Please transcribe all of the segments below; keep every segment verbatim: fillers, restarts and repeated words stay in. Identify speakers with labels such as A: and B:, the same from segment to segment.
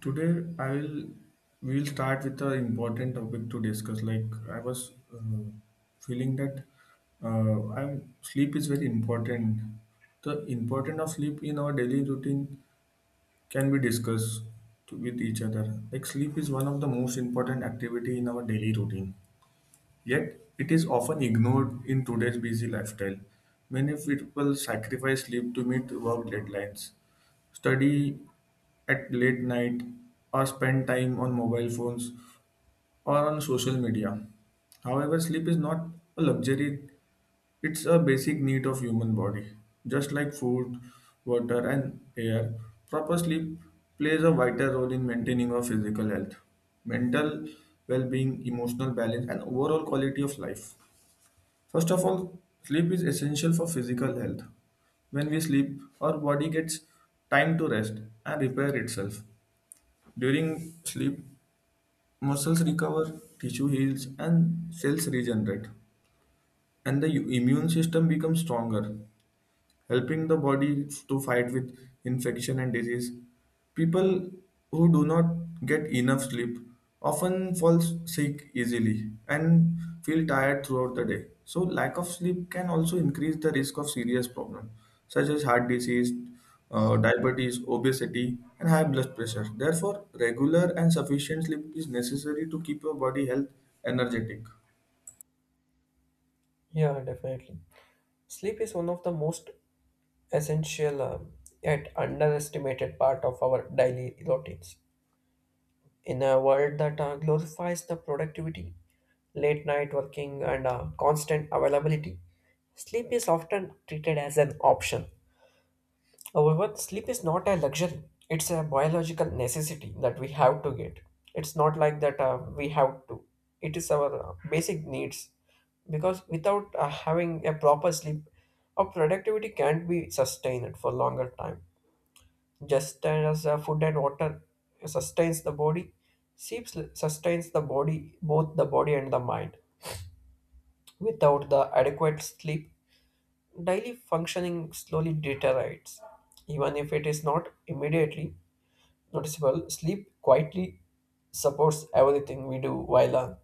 A: Today I will We'll start with an important topic to discuss. Like I was uh, Feeling that uh, I'm sleep is very important. The importance of sleep in our daily routine can be discussed to, with each other. Like sleep is one of the most important activity in our daily routine. Yet, it is often ignored in today's busy lifestyle. Many people sacrifice sleep to meet work deadlines, study at late night, or spend time on mobile phones or on social media. However, sleep is not a luxury, it's a basic need of human body. Just like food, water and air, proper sleep plays a vital role in maintaining our physical health, mental well-being, emotional balance and overall quality of life. First of all, sleep is essential for physical health. When we sleep, our body gets time to rest and repair itself. During sleep, muscles recover, tissue heals, and cells regenerate, and the immune system becomes stronger, helping the body to fight with infection and disease. People who do not get enough sleep often fall sick easily and feel tired throughout the day. So, lack of sleep can also increase the risk of serious problems such as heart disease, uh, diabetes, obesity, and high blood pressure. Therefore, regular and sufficient sleep is necessary to keep your body health energetic.
B: Yeah, definitely. Sleep is one of the most essential uh, yet underestimated part of our daily routines. In a world that uh, glorifies the productivity, late night working, and uh, constant availability, sleep is often treated as an option. However, sleep is not a luxury, it's a biological necessity that we have to get. It's not like that uh, we have to, it is our uh, basic needs. Because without uh, having a proper sleep, our productivity can't be sustained for longer time. Just as uh, food and water sustains the body, sleep sustains the body, both the body and the mind. Without the adequate sleep, daily functioning slowly deteriorates, even if it is not immediately noticeable, sleep quietly supports everything we do while uh,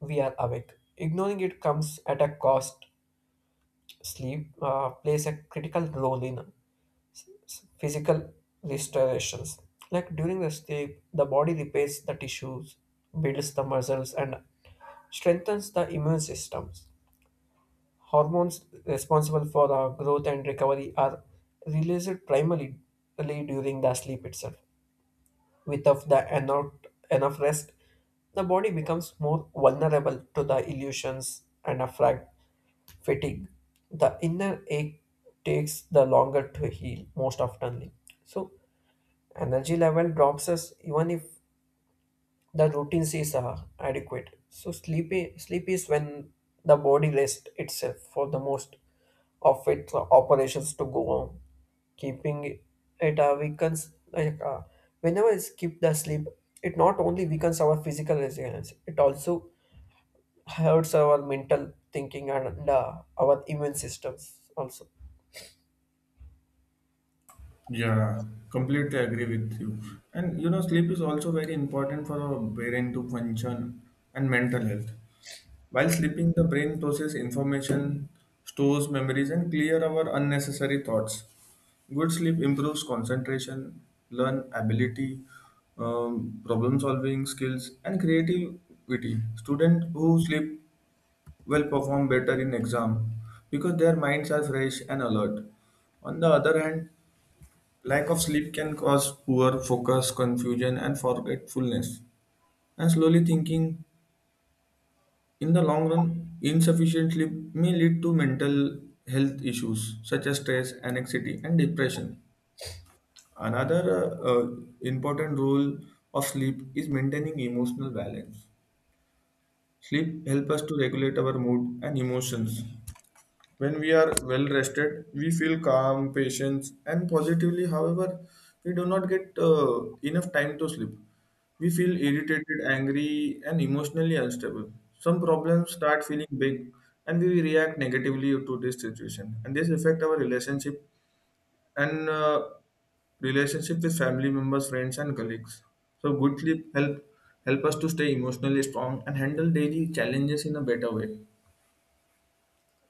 B: we are awake. Ignoring it comes at a cost. Sleep uh, plays a critical role in s- physical restorations. Like during the sleep, the body repairs the tissues, builds the muscles, and strengthens the immune systems. Hormones responsible for uh, growth and recovery are released primarily during the sleep itself. Without the enough, enough rest, the body becomes more vulnerable to the illusions and a frag- fatigue. The inner ache takes the longer to heal most oftenly. So energy level drops us even if the routines is uh, adequate. So sleep i- sleep is when the body rests itself for the most of its operations to go on. Keeping it uh, weakens like uh, whenever we skip the sleep, it not only weakens our physical resilience, it also hurts our mental thinking and uh, our immune systems also.
A: Yeah, completely agree with you. And you know, sleep is also very important for our brain to function and mental health. While sleeping, the brain processes information, stores memories, and clear our unnecessary thoughts. Good sleep improves concentration, learn ability, um, problem solving skills, and creativity. Students who sleep well perform better in exam because their minds are fresh and alert. On the other hand, lack of sleep can cause poor focus, confusion, and forgetfulness. And slowly thinking, in the long run, insufficient sleep may lead to mental health issues such as stress, anxiety, and depression. Another uh, uh, important role of sleep is maintaining emotional balance. Sleep helps us to regulate our mood and emotions. When we are well rested, we feel calm, patience, and positively. However, we do not get uh, enough time to sleep. We feel irritated, angry, and emotionally unstable. Some problems start feeling big, and we react negatively to this situation. And this affect our relationship and uh, relationship with family members, friends, and colleagues. So, good sleep help help us to stay emotionally strong and handle daily challenges in a better way.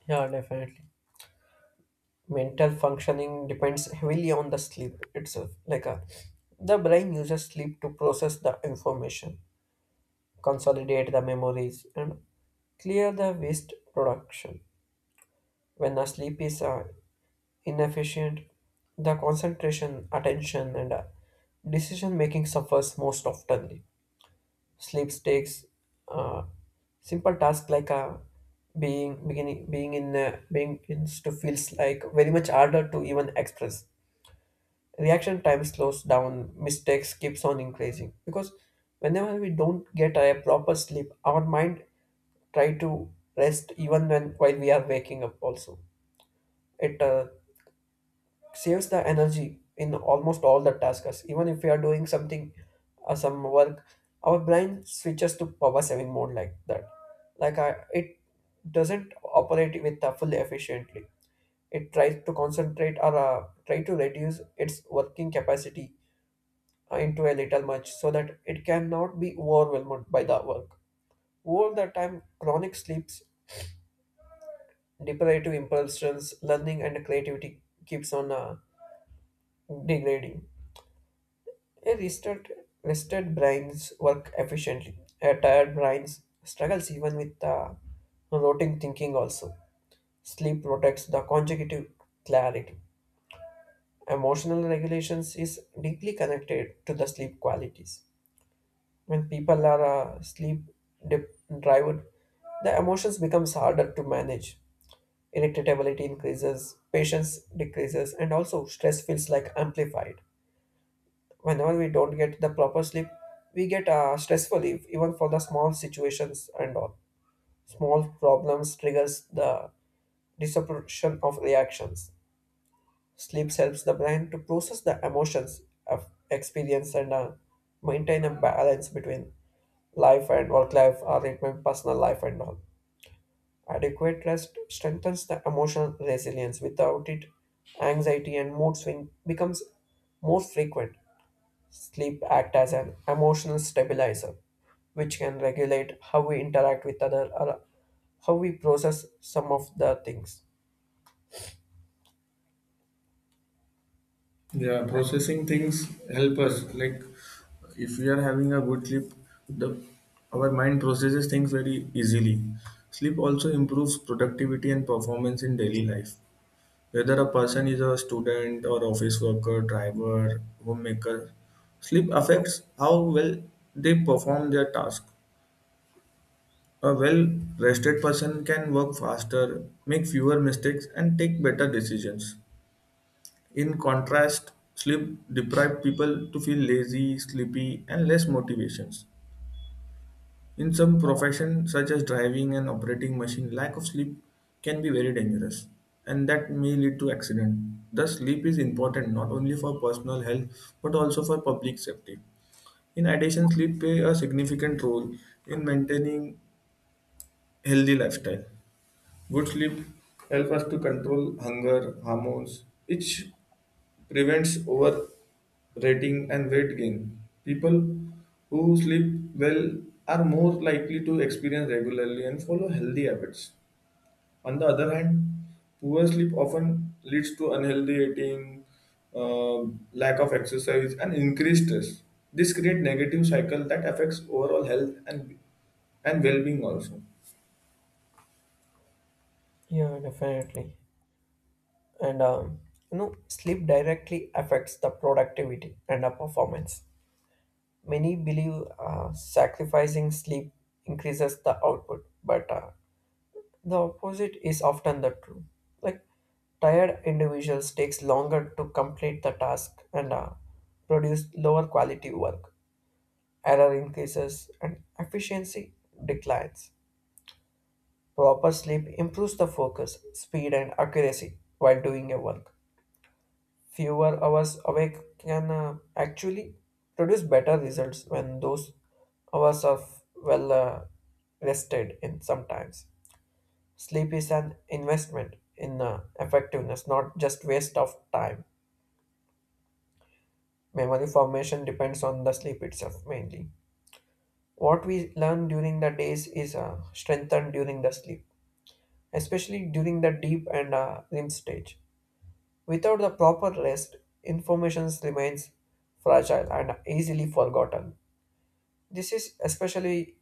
B: Yeah, definitely. Mental functioning depends heavily on the sleep itself like a, the brain uses sleep to process the information, consolidate the memories and clear the waste production. When the sleep is uh, inefficient, the concentration, attention and uh, decision making suffers most oftenly. Sleep takes uh, simple tasks like uh, being beginning being in uh, being in to feels like very much harder to even express. Reaction time slows down, mistakes keeps on increasing, because whenever we don't get a proper sleep our mind try to rest even when while we are waking up also. It uh, saves the energy in almost all the tasks, even if we are doing something uh, some work. Our brain switches to power saving mode like that, like I, it doesn't operate with uh, full efficiently. It tries to concentrate or uh, try to reduce its working capacity uh, into a little much so that it cannot be overwhelmed by the work. Over the time, chronic sleeps, deprivative impulsions, learning, and creativity keeps on uh, degrading. A rested, rested brains work efficiently. A tired brains struggles even with uh, rotting thinking also. Sleep protects the consecutive clarity. Emotional regulations is deeply connected to the sleep qualities. When people are uh, sleep deprived, the emotions becomes harder to manage. Irritability increases, patience decreases, and also stress feels like amplified. Whenever we don't get the proper sleep, we get uh, stressful if, even for the small situations and all. Small problems triggers the disruption of reactions. Sleep helps the brain to process the emotions of experience and uh, maintain a balance between life and work life, or it may personal life and all. Adequate rest strengthens the emotional resilience. Without it, anxiety and mood swing becomes more frequent. Sleep acts as an emotional stabilizer, which can regulate how we interact with other or how we process some of the things.
A: Yeah, processing things help us. Like if we are having a good sleep, the our mind processes things very easily. Sleep also improves productivity and performance in daily life. Whether a person is a student or office worker, driver, homemaker, sleep affects how well they perform their task. A well rested person can work faster, make fewer mistakes, and take better decisions. In contrast, sleep deprived people to feel lazy, sleepy, and less motivations. In some professions such as driving and operating machine, lack of sleep can be very dangerous and that may lead to accident. Thus, sleep is important not only for personal health but also for public safety. In addition, sleep play a significant role in maintaining healthy lifestyle. Good sleep helps us to control hunger hormones, which prevents overeating and weight gain. People who sleep well are more likely to experience regularly and follow healthy habits. On the other hand, poor sleep often leads to unhealthy eating, uh, lack of exercise, and increased stress. This creates negative cycle that affects overall health and and well-being also.
B: Yeah, definitely. And um, You know, sleep directly affects the productivity and the performance. Many believe uh, sacrificing sleep increases the output, but uh, the opposite is often the true. Like tired individuals takes longer to complete the task and uh, produce lower quality work. Error increases and efficiency declines. Proper sleep improves the focus, speed and accuracy while doing your work. Fewer hours awake can uh, actually produce better results when those hours are well uh, rested in sometimes. Sleep is an investment in uh, effectiveness, not just waste of time. Memory formation depends on the sleep itself mainly. What we learn during the days is uh, strengthened during the sleep, especially during the deep and uh, REM stage. Without the proper rest, information remains fragile and easily forgotten. This is especially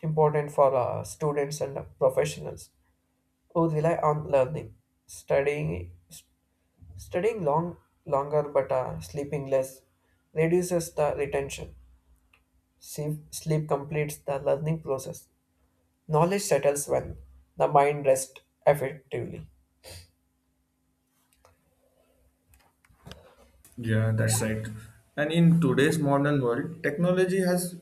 B: important for uh, students and professionals who rely on learning, studying, studying long longer but uh, sleeping less reduces the retention. Sleep, sleep completes the learning process. Knowledge settles when the mind rests effectively.
A: Yeah, that's right. And in today's modern world, technology has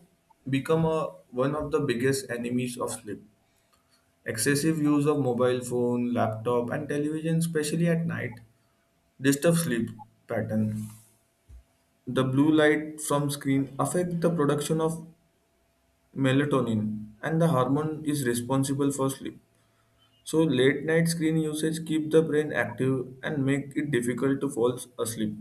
A: become a, one of the biggest enemies of sleep. Excessive use of mobile phone, laptop, and television, especially at night, disturb sleep pattern. The blue light from screen affect the production of melatonin, and the hormone is responsible for sleep. So late night screen usage keep the brain active and make it difficult to fall asleep.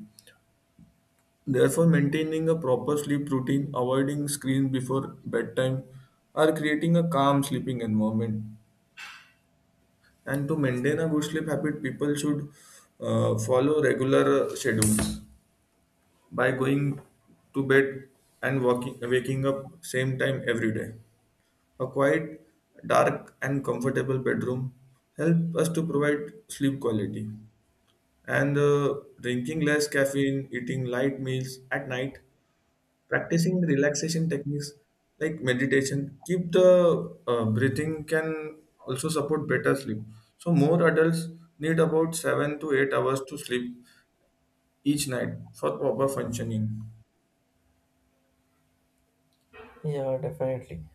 A: Therefore, maintaining a proper sleep routine, avoiding screens before bedtime, or creating a calm sleeping environment. And to maintain a good sleep habit, people should uh, follow regular uh, schedules by going to bed and walking, waking up same time every day. A quiet, dark, and comfortable bedroom help us to provide sleep quality. And uh, drinking less caffeine, eating light meals at night, practicing relaxation techniques like meditation keep the uh, breathing, can also support better sleep. So more adults need about seven to eight hours to sleep each night for proper functioning.
B: Yeah, definitely.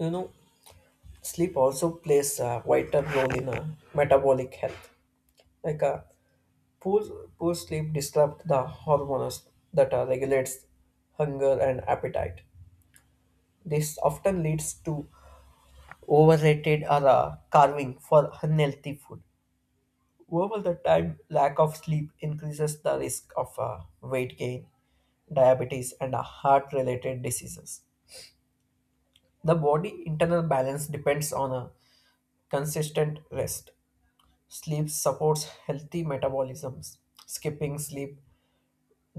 B: You know, sleep also plays a vital role in uh, metabolic health. Like uh, Poor, Poor sleep disrupts the hormones that uh, regulates hunger and appetite. This often leads to overrated or uh, carving for unhealthy food. Over the time, lack of sleep increases the risk of uh, weight gain, diabetes, and uh, heart-related diseases. The body internal balance depends on a consistent rest. Sleep supports healthy metabolisms. Skipping sleep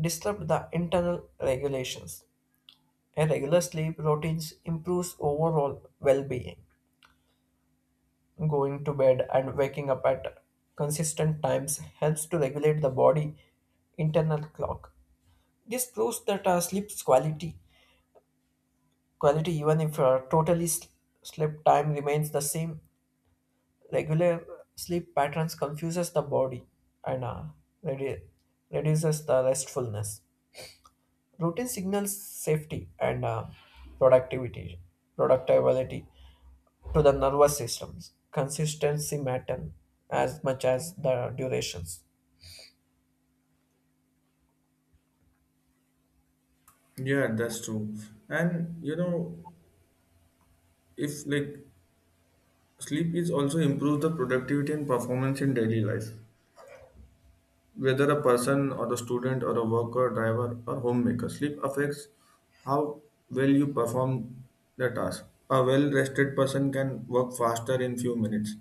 B: disrupts the internal regulations. A regular sleep routine improves overall well-being. Going to bed and waking up at consistent times helps to regulate the body internal clock. This proves that our sleep's quality, quality even if our totally s- sleep time remains the same, regular sleep patterns confuses the body and uh, redu- reduces the restfulness. Routine signals safety and uh, productivity, productivity to the nervous systems. Consistency matter as much as the durations.
A: Yeah, that's true. And you know, if like sleep is also improve the productivity and performance in daily life. Whether a person or a student or a worker, driver or homemaker, sleep affects how well you perform the task. A well rested person can work faster in few minutes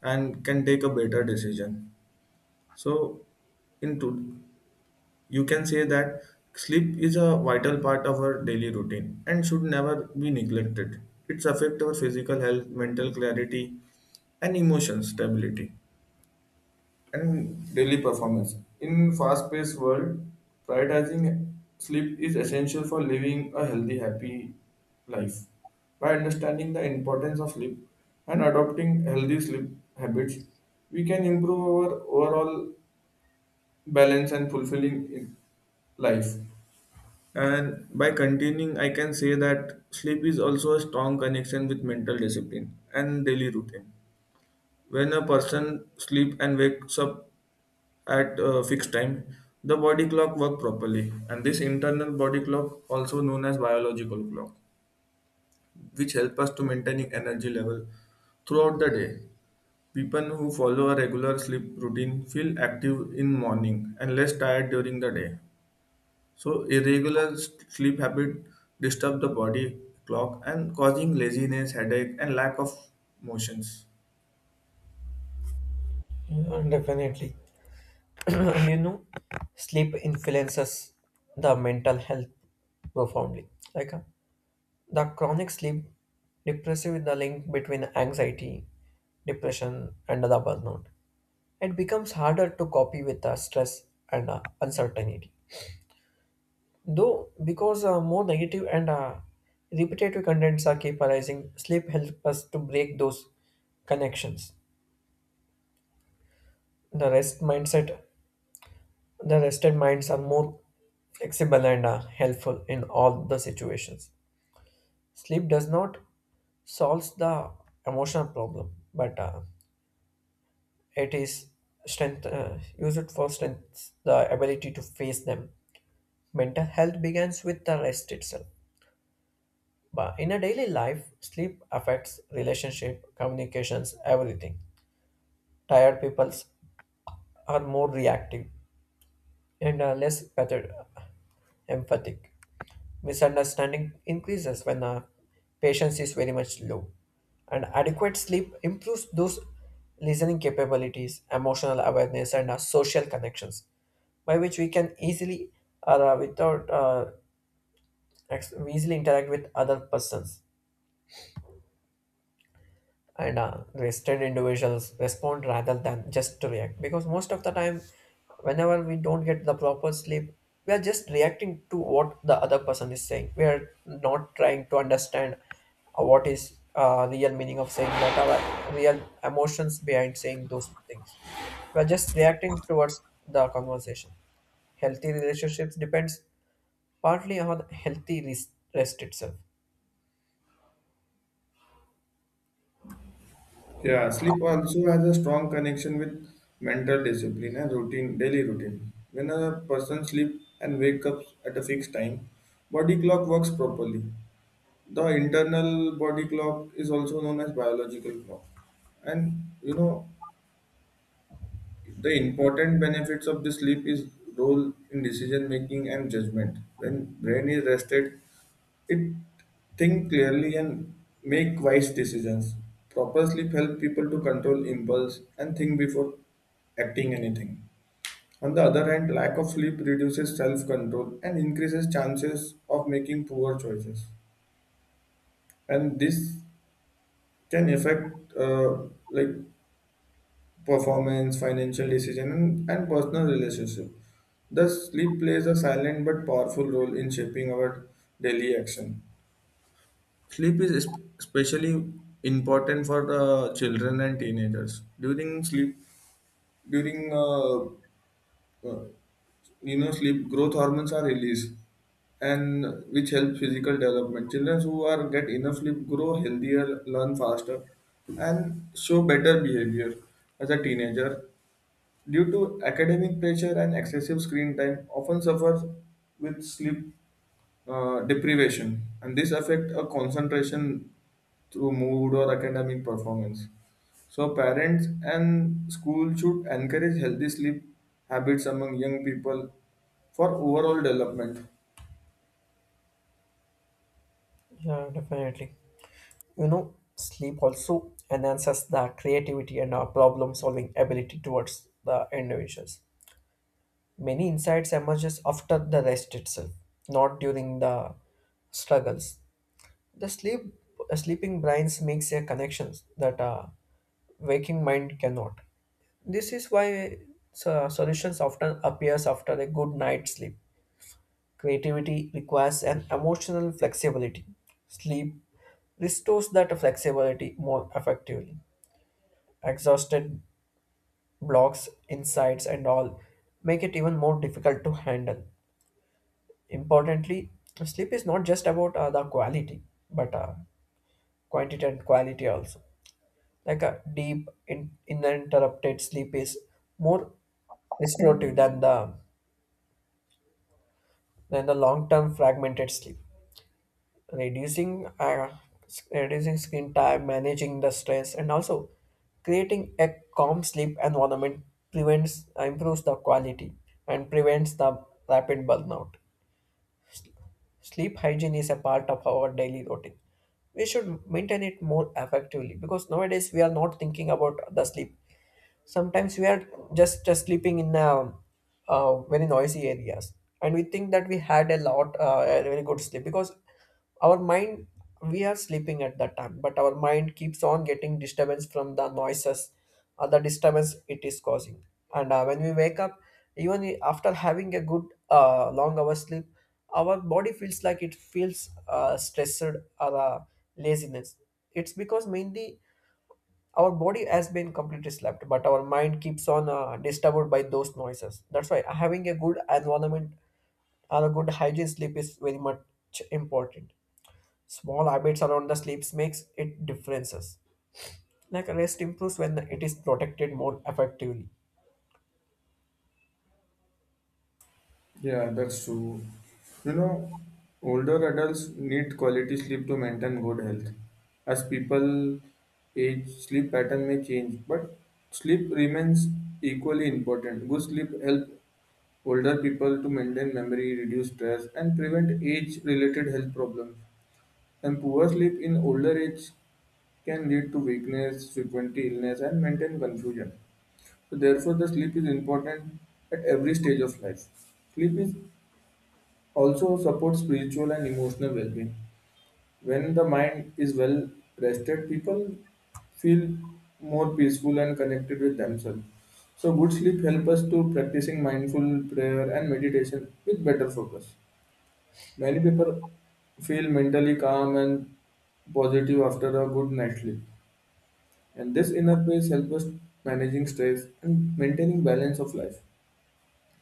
A: and can take a better decision. So into you can say that sleep is a vital part of our daily routine and should never be neglected. It's affect our physical health, mental clarity and emotion stability and daily performance. In fast-paced world, prioritizing sleep is essential for living a healthy, happy life. By understanding the importance of sleep and adopting healthy sleep habits, we can improve our overall balance and fulfilling in life. And by continuing, I can say that sleep is also a strong connection with mental discipline and daily routine. When a person sleep and wakes up at a fixed time, the body clock work properly. And this internal body clock, also known as biological clock, which help us to maintaining energy level throughout the day. People who follow a regular sleep routine feel active in morning and less tired during the day. So irregular s- sleep habit disturb the body clock and causing laziness, headache, and lack of motions.
B: Yeah, definitely. And you know, sleep influences the mental health profoundly. Like uh, the chronic sleep depressive is the link between anxiety, depression, and the burnout. It becomes harder to copy with the stress and uh, uncertainty. Though, because uh, more negative and uh, repetitive contents are keep arising, sleep helps us to break those connections. The rest mindset, the rested minds are more flexible and uh, helpful in all the situations. Sleep does not solves the emotional problem, but uh, it is strength. Uh, use it for strength, the ability to face them. Mental health begins with the rest itself. But in a daily life, sleep affects relationship, communications, everything. Tired peoples are more reactive and are less pathet- empathic. Misunderstanding increases when uh, patience is very much low. And adequate sleep improves those listening capabilities, emotional awareness, and uh, social connections, by which we can easily or uh, without uh, ex- easily interact with other persons and uh, wasted individuals respond rather than just to react, because most of the time whenever we don't get the proper sleep we are just reacting to what the other person is saying. We are not trying to understand uh, what is uh, real meaning of saying that, our real emotions behind saying those things. We are just reacting towards the conversation. Healthy relationships depends partly on healthy res- rest itself.
A: Yeah, sleep also has a strong connection with mental discipline and routine, daily routine. When a person sleeps and wakes up at a fixed time, body clock works properly. The internal body clock is also known as biological clock. And you know, the important benefits of the sleep is role in decision making and judgment. When brain is rested, it think clearly and make wise decisions. Proper sleep helps people to control impulse and think before acting anything. On the other hand, lack of sleep reduces self-control and increases chances of making poor choices. And this can affect uh, like performance, financial decision, and, and personal relationship. Thus, sleep plays a silent but powerful role in shaping our daily action. Sleep is es- especially important for the children and teenagers. During sleep, during uh, uh, you know sleep, growth hormones are released, and which help physical development. Children who are get enough sleep grow healthier, learn faster, and show better behavior as a teenager. Due to academic pressure and excessive screen time, often suffers with sleep uh, deprivation, and this affect a concentration through mood or academic performance. So parents and school should encourage healthy sleep habits among young people for overall development.
B: Yeah, definitely. You know, sleep also enhances the creativity and our problem-solving ability towards the individuals. Many insights emerges after the rest itself, not during the struggles. The sleep, sleeping brains makes a connections that uh, waking mind cannot. This is why so- solutions often appears after a good night's sleep. Creativity requires an emotional flexibility. Sleep restores that flexibility more effectively. Exhausted blocks, insights, and all make it even more difficult to handle. Importantly, sleep is not just about uh, the quality, but uh, quantity and quality also. Like a deep, in, uninterrupted sleep is more restorative than the than the long-term fragmented sleep. Reducing uh, s- reducing screen time, managing the stress, and also creating a calm sleep environment prevents uh, improves the quality and prevents the rapid burnout. Sleep hygiene is a part of our daily routine. We should maintain it more effectively, because nowadays we are not thinking about the sleep. Sometimes we are just, just sleeping in uh, uh, very noisy areas, and we think that we had a lot uh, a very good sleep, because our mind, we are sleeping at that time but our mind keeps on getting disturbance from the noises or the disturbance it is causing. And uh, when we wake up even i- after having a good uh, long hour sleep, our body feels like it feels uh, stressed or uh, laziness. It's because mainly our body has been completely slept, but our mind keeps on uh, disturbed by those noises. That's why having a good environment and a good hygiene sleep is very much important. Small habits around the sleeps makes it differences. Like rest improves when it is protected more effectively.
A: Yeah, that's true. You know, older adults need quality sleep to maintain good health. As people age, sleep pattern may change, but sleep remains equally important. Good sleep help older people to maintain memory, reduce stress, and prevent age related health problems. And poor sleep in older age can lead to weakness, frequent illness, and maintain confusion. So, therefore, the sleep is important at every stage of life. Sleep is also supports spiritual and emotional well being. When the mind is well rested, people feel more peaceful and connected with themselves. So good sleep helps us to practicing mindful prayer and meditation with better focus. Many people feel mentally calm and positive after a good night's sleep. And this inner peace helps us managing stress and maintaining balance of life.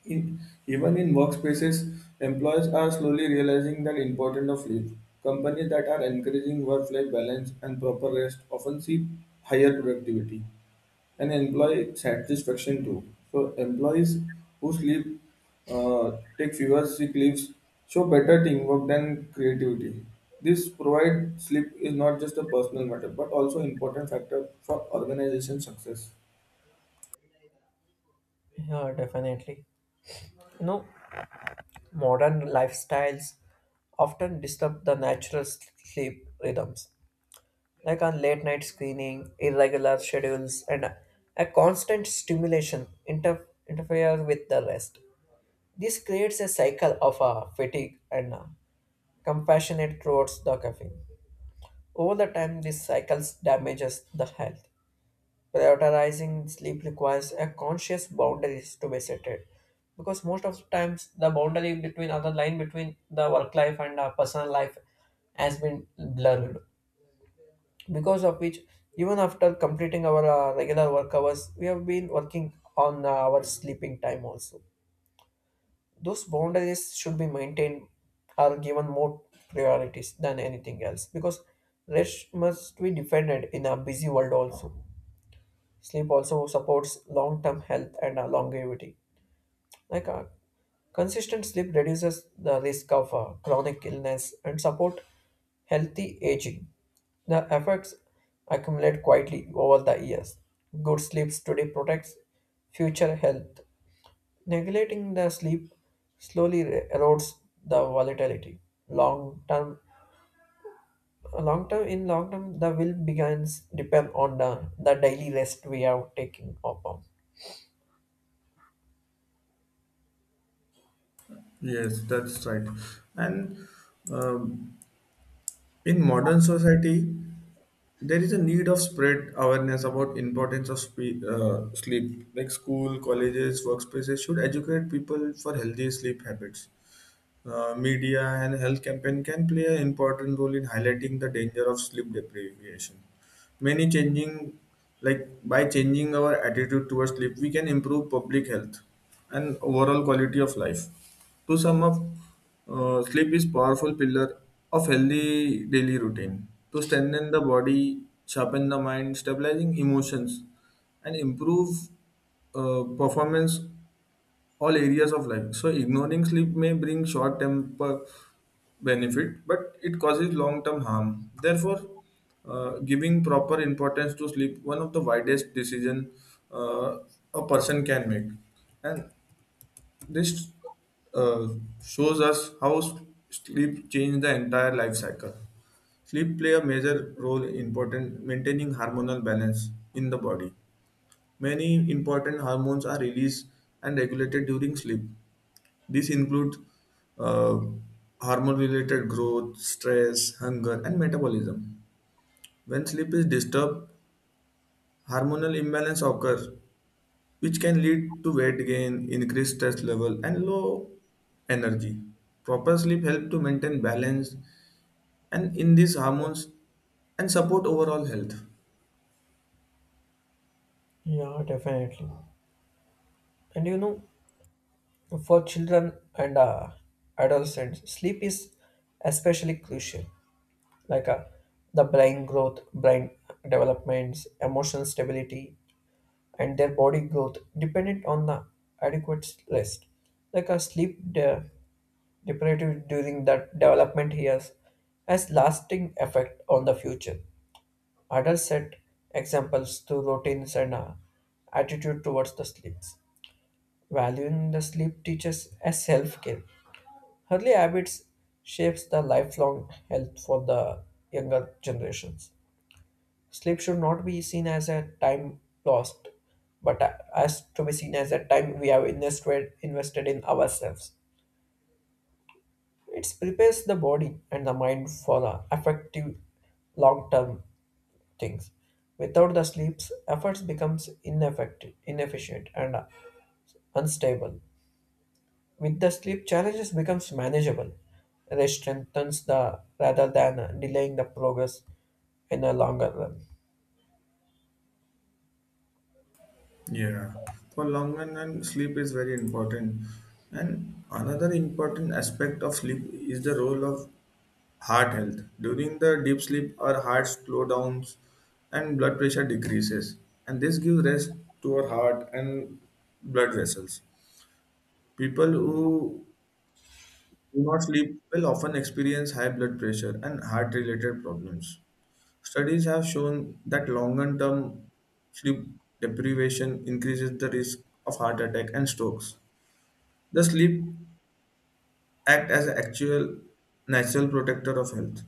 A: In, even in workspaces, employees are slowly realizing the importance of leave. Companies that are encouraging work-life balance and proper rest often see higher productivity and employee satisfaction too. So employees who sleep, uh, take fewer sick leaves, show better teamwork than creativity. This provide sleep is not just a personal matter but also important factor for organization success.
B: Yeah, definitely. You know, modern lifestyles often disturb the natural s- sleep rhythms. Like on late night screening, irregular schedules, and a constant stimulation inter- interfere with the rest. This creates a cycle of uh, fatigue and uh, compassionate towards the caffeine. Over the time, this cycle damages the health. Prioritizing sleep requires a conscious boundaries to be set, because most of the times the boundary between other line between the work life and uh, personal life has been blurred, because of which even after completing our uh, regular work hours we have been working on uh, our sleeping time also. Those boundaries should be maintained or given more priorities than anything else, because rest must be defended in a busy world also. Sleep also supports long-term health and uh, longevity. Like a consistent sleep reduces the risk of uh, chronic illness and support healthy aging. The effects accumulate quietly over the years. Good sleep today protects future health. Neglecting the sleep slowly re- erodes the volatility. Long term, long term in long term, the will begins depend on the, the daily rest we are taking upon.
A: Yes, that's right. And um, in modern society, there is a need of spread awareness about importance of spe- uh, sleep. Like school, colleges, workspaces should educate people for healthy sleep habits. Uh, media and health campaign can play an important role in highlighting the danger of sleep deprivation. Many changing, like by changing our attitude towards sleep, we can improve public health and overall quality of life. To sum up, uh, sleep is powerful pillar of healthy daily routine to strengthen the body, sharpen the mind, stabilizing emotions, and improve uh, performance all areas of life. So ignoring sleep may bring short term benefit, but it causes long term harm. Therefore, uh, giving proper importance to sleep one of the widest decision uh, a person can make, and this uh, shows us how s- sleep changes the entire life cycle. Sleep play a major role in important maintaining hormonal balance in the body. Many important hormones are released and regulated during sleep. These include uh, hormone related growth, stress, hunger, and metabolism. When sleep is disturbed, hormonal imbalance occurs, which can lead to weight gain, increased stress level, and low energy. Proper sleep helps to maintain balance and in these hormones and support overall health.
B: Yeah, definitely. And you know, for children and uh, adolescents, sleep is especially crucial. Like uh, the brain growth, brain developments, emotional stability, and their body growth dependent on the adequate rest. Like a sleep de- deprived during that development years has lasting effect on the future. Adults set examples to routines and uh, attitude towards the sleeps. Valuing the sleep teaches as self-care. Early habits shapes the lifelong health for the younger generations. Sleep should not be seen as a time lost, but a- as to be seen as a time we have invested invested in ourselves. It prepares the body and the mind for the effective long-term things. Without the sleeps, efforts becomes ineffective, inefficient, and unstable. With the sleep, challenges becomes manageable. Rest strengthens the rather than uh, delaying the progress in a longer run.
A: Yeah, for long run, and sleep is very important. And another important aspect of sleep is the role of heart health. During the deep sleep, our heart slow down and blood pressure decreases. And this gives rest to our heart and blood vessels. People who do not sleep will often experience high blood pressure and heart related problems. Studies have shown that longer term sleep deprivation increases the risk of heart attack and strokes. The sleep act as an actual natural protector of health.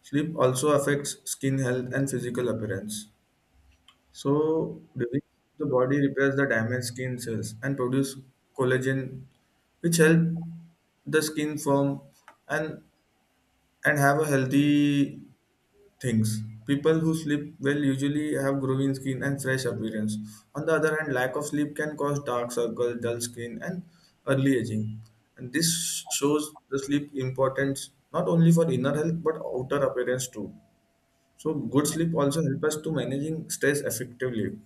A: Sleep also affects skin health and physical appearance. So, during the body repairs the damaged skin cells and produce collagen, which help the skin form and and have a healthy things. People who sleep well usually have growing skin and fresh appearance. On the other hand, lack of sleep can cause dark circles, dull skin, and early aging. And this shows the sleep importance not only for inner health but outer appearance too. So good sleep also help us to managing stress effectively.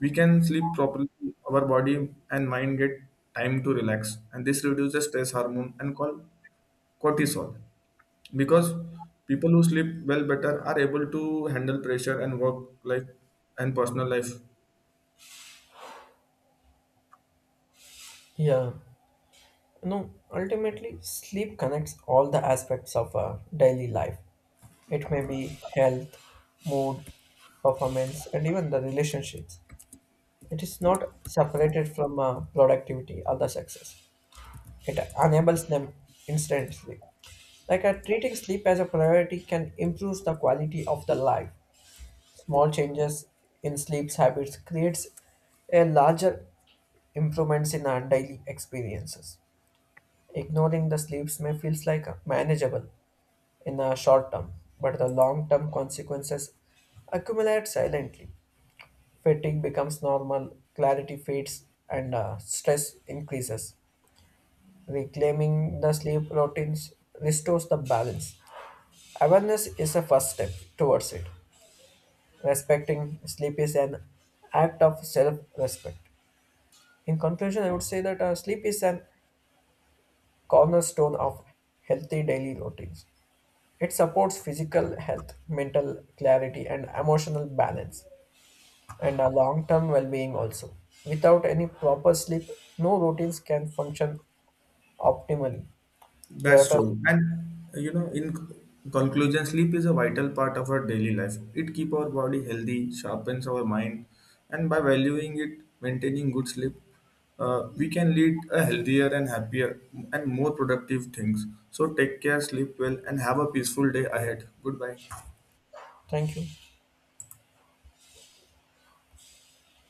A: We can sleep properly, our body and mind get time to relax, and this reduces stress hormone and called cortisol. Because people who sleep well better are able to handle pressure and work life and personal life.
B: Yeah, no. Ultimately, sleep connects all the aspects of uh, daily life. It may be health, mood, performance, and even the relationships. It is not separated from uh, productivity or the success. It enables them instantly. Like uh, treating sleep as a priority can improve the quality of the life. Small changes in sleep habits creates a larger improvements in our daily experiences. Ignoring the sleeps may feels like manageable in the short term, but the long term consequences accumulate silently. Fatigue becomes normal, clarity fades, and uh, stress increases. Reclaiming the sleep routines restores the balance. Awareness is a first step towards it. Respecting sleep is an act of self respect. In conclusion, I would say that uh, sleep is a cornerstone of healthy daily routines. It supports physical health, mental clarity, and emotional balance, and a long term well being also. Without any proper sleep, no routines can function optimally.
A: That's
B: Prioritize.
A: true. And uh, you know, in c- conclusion, sleep is a vital part of our daily life. It keeps our body healthy, sharpens our mind, and by valuing it, maintaining good sleep, uh, we can lead a healthier and happier and more productive things. So take care, sleep well, and have a peaceful day ahead. Goodbye.
B: Thank you.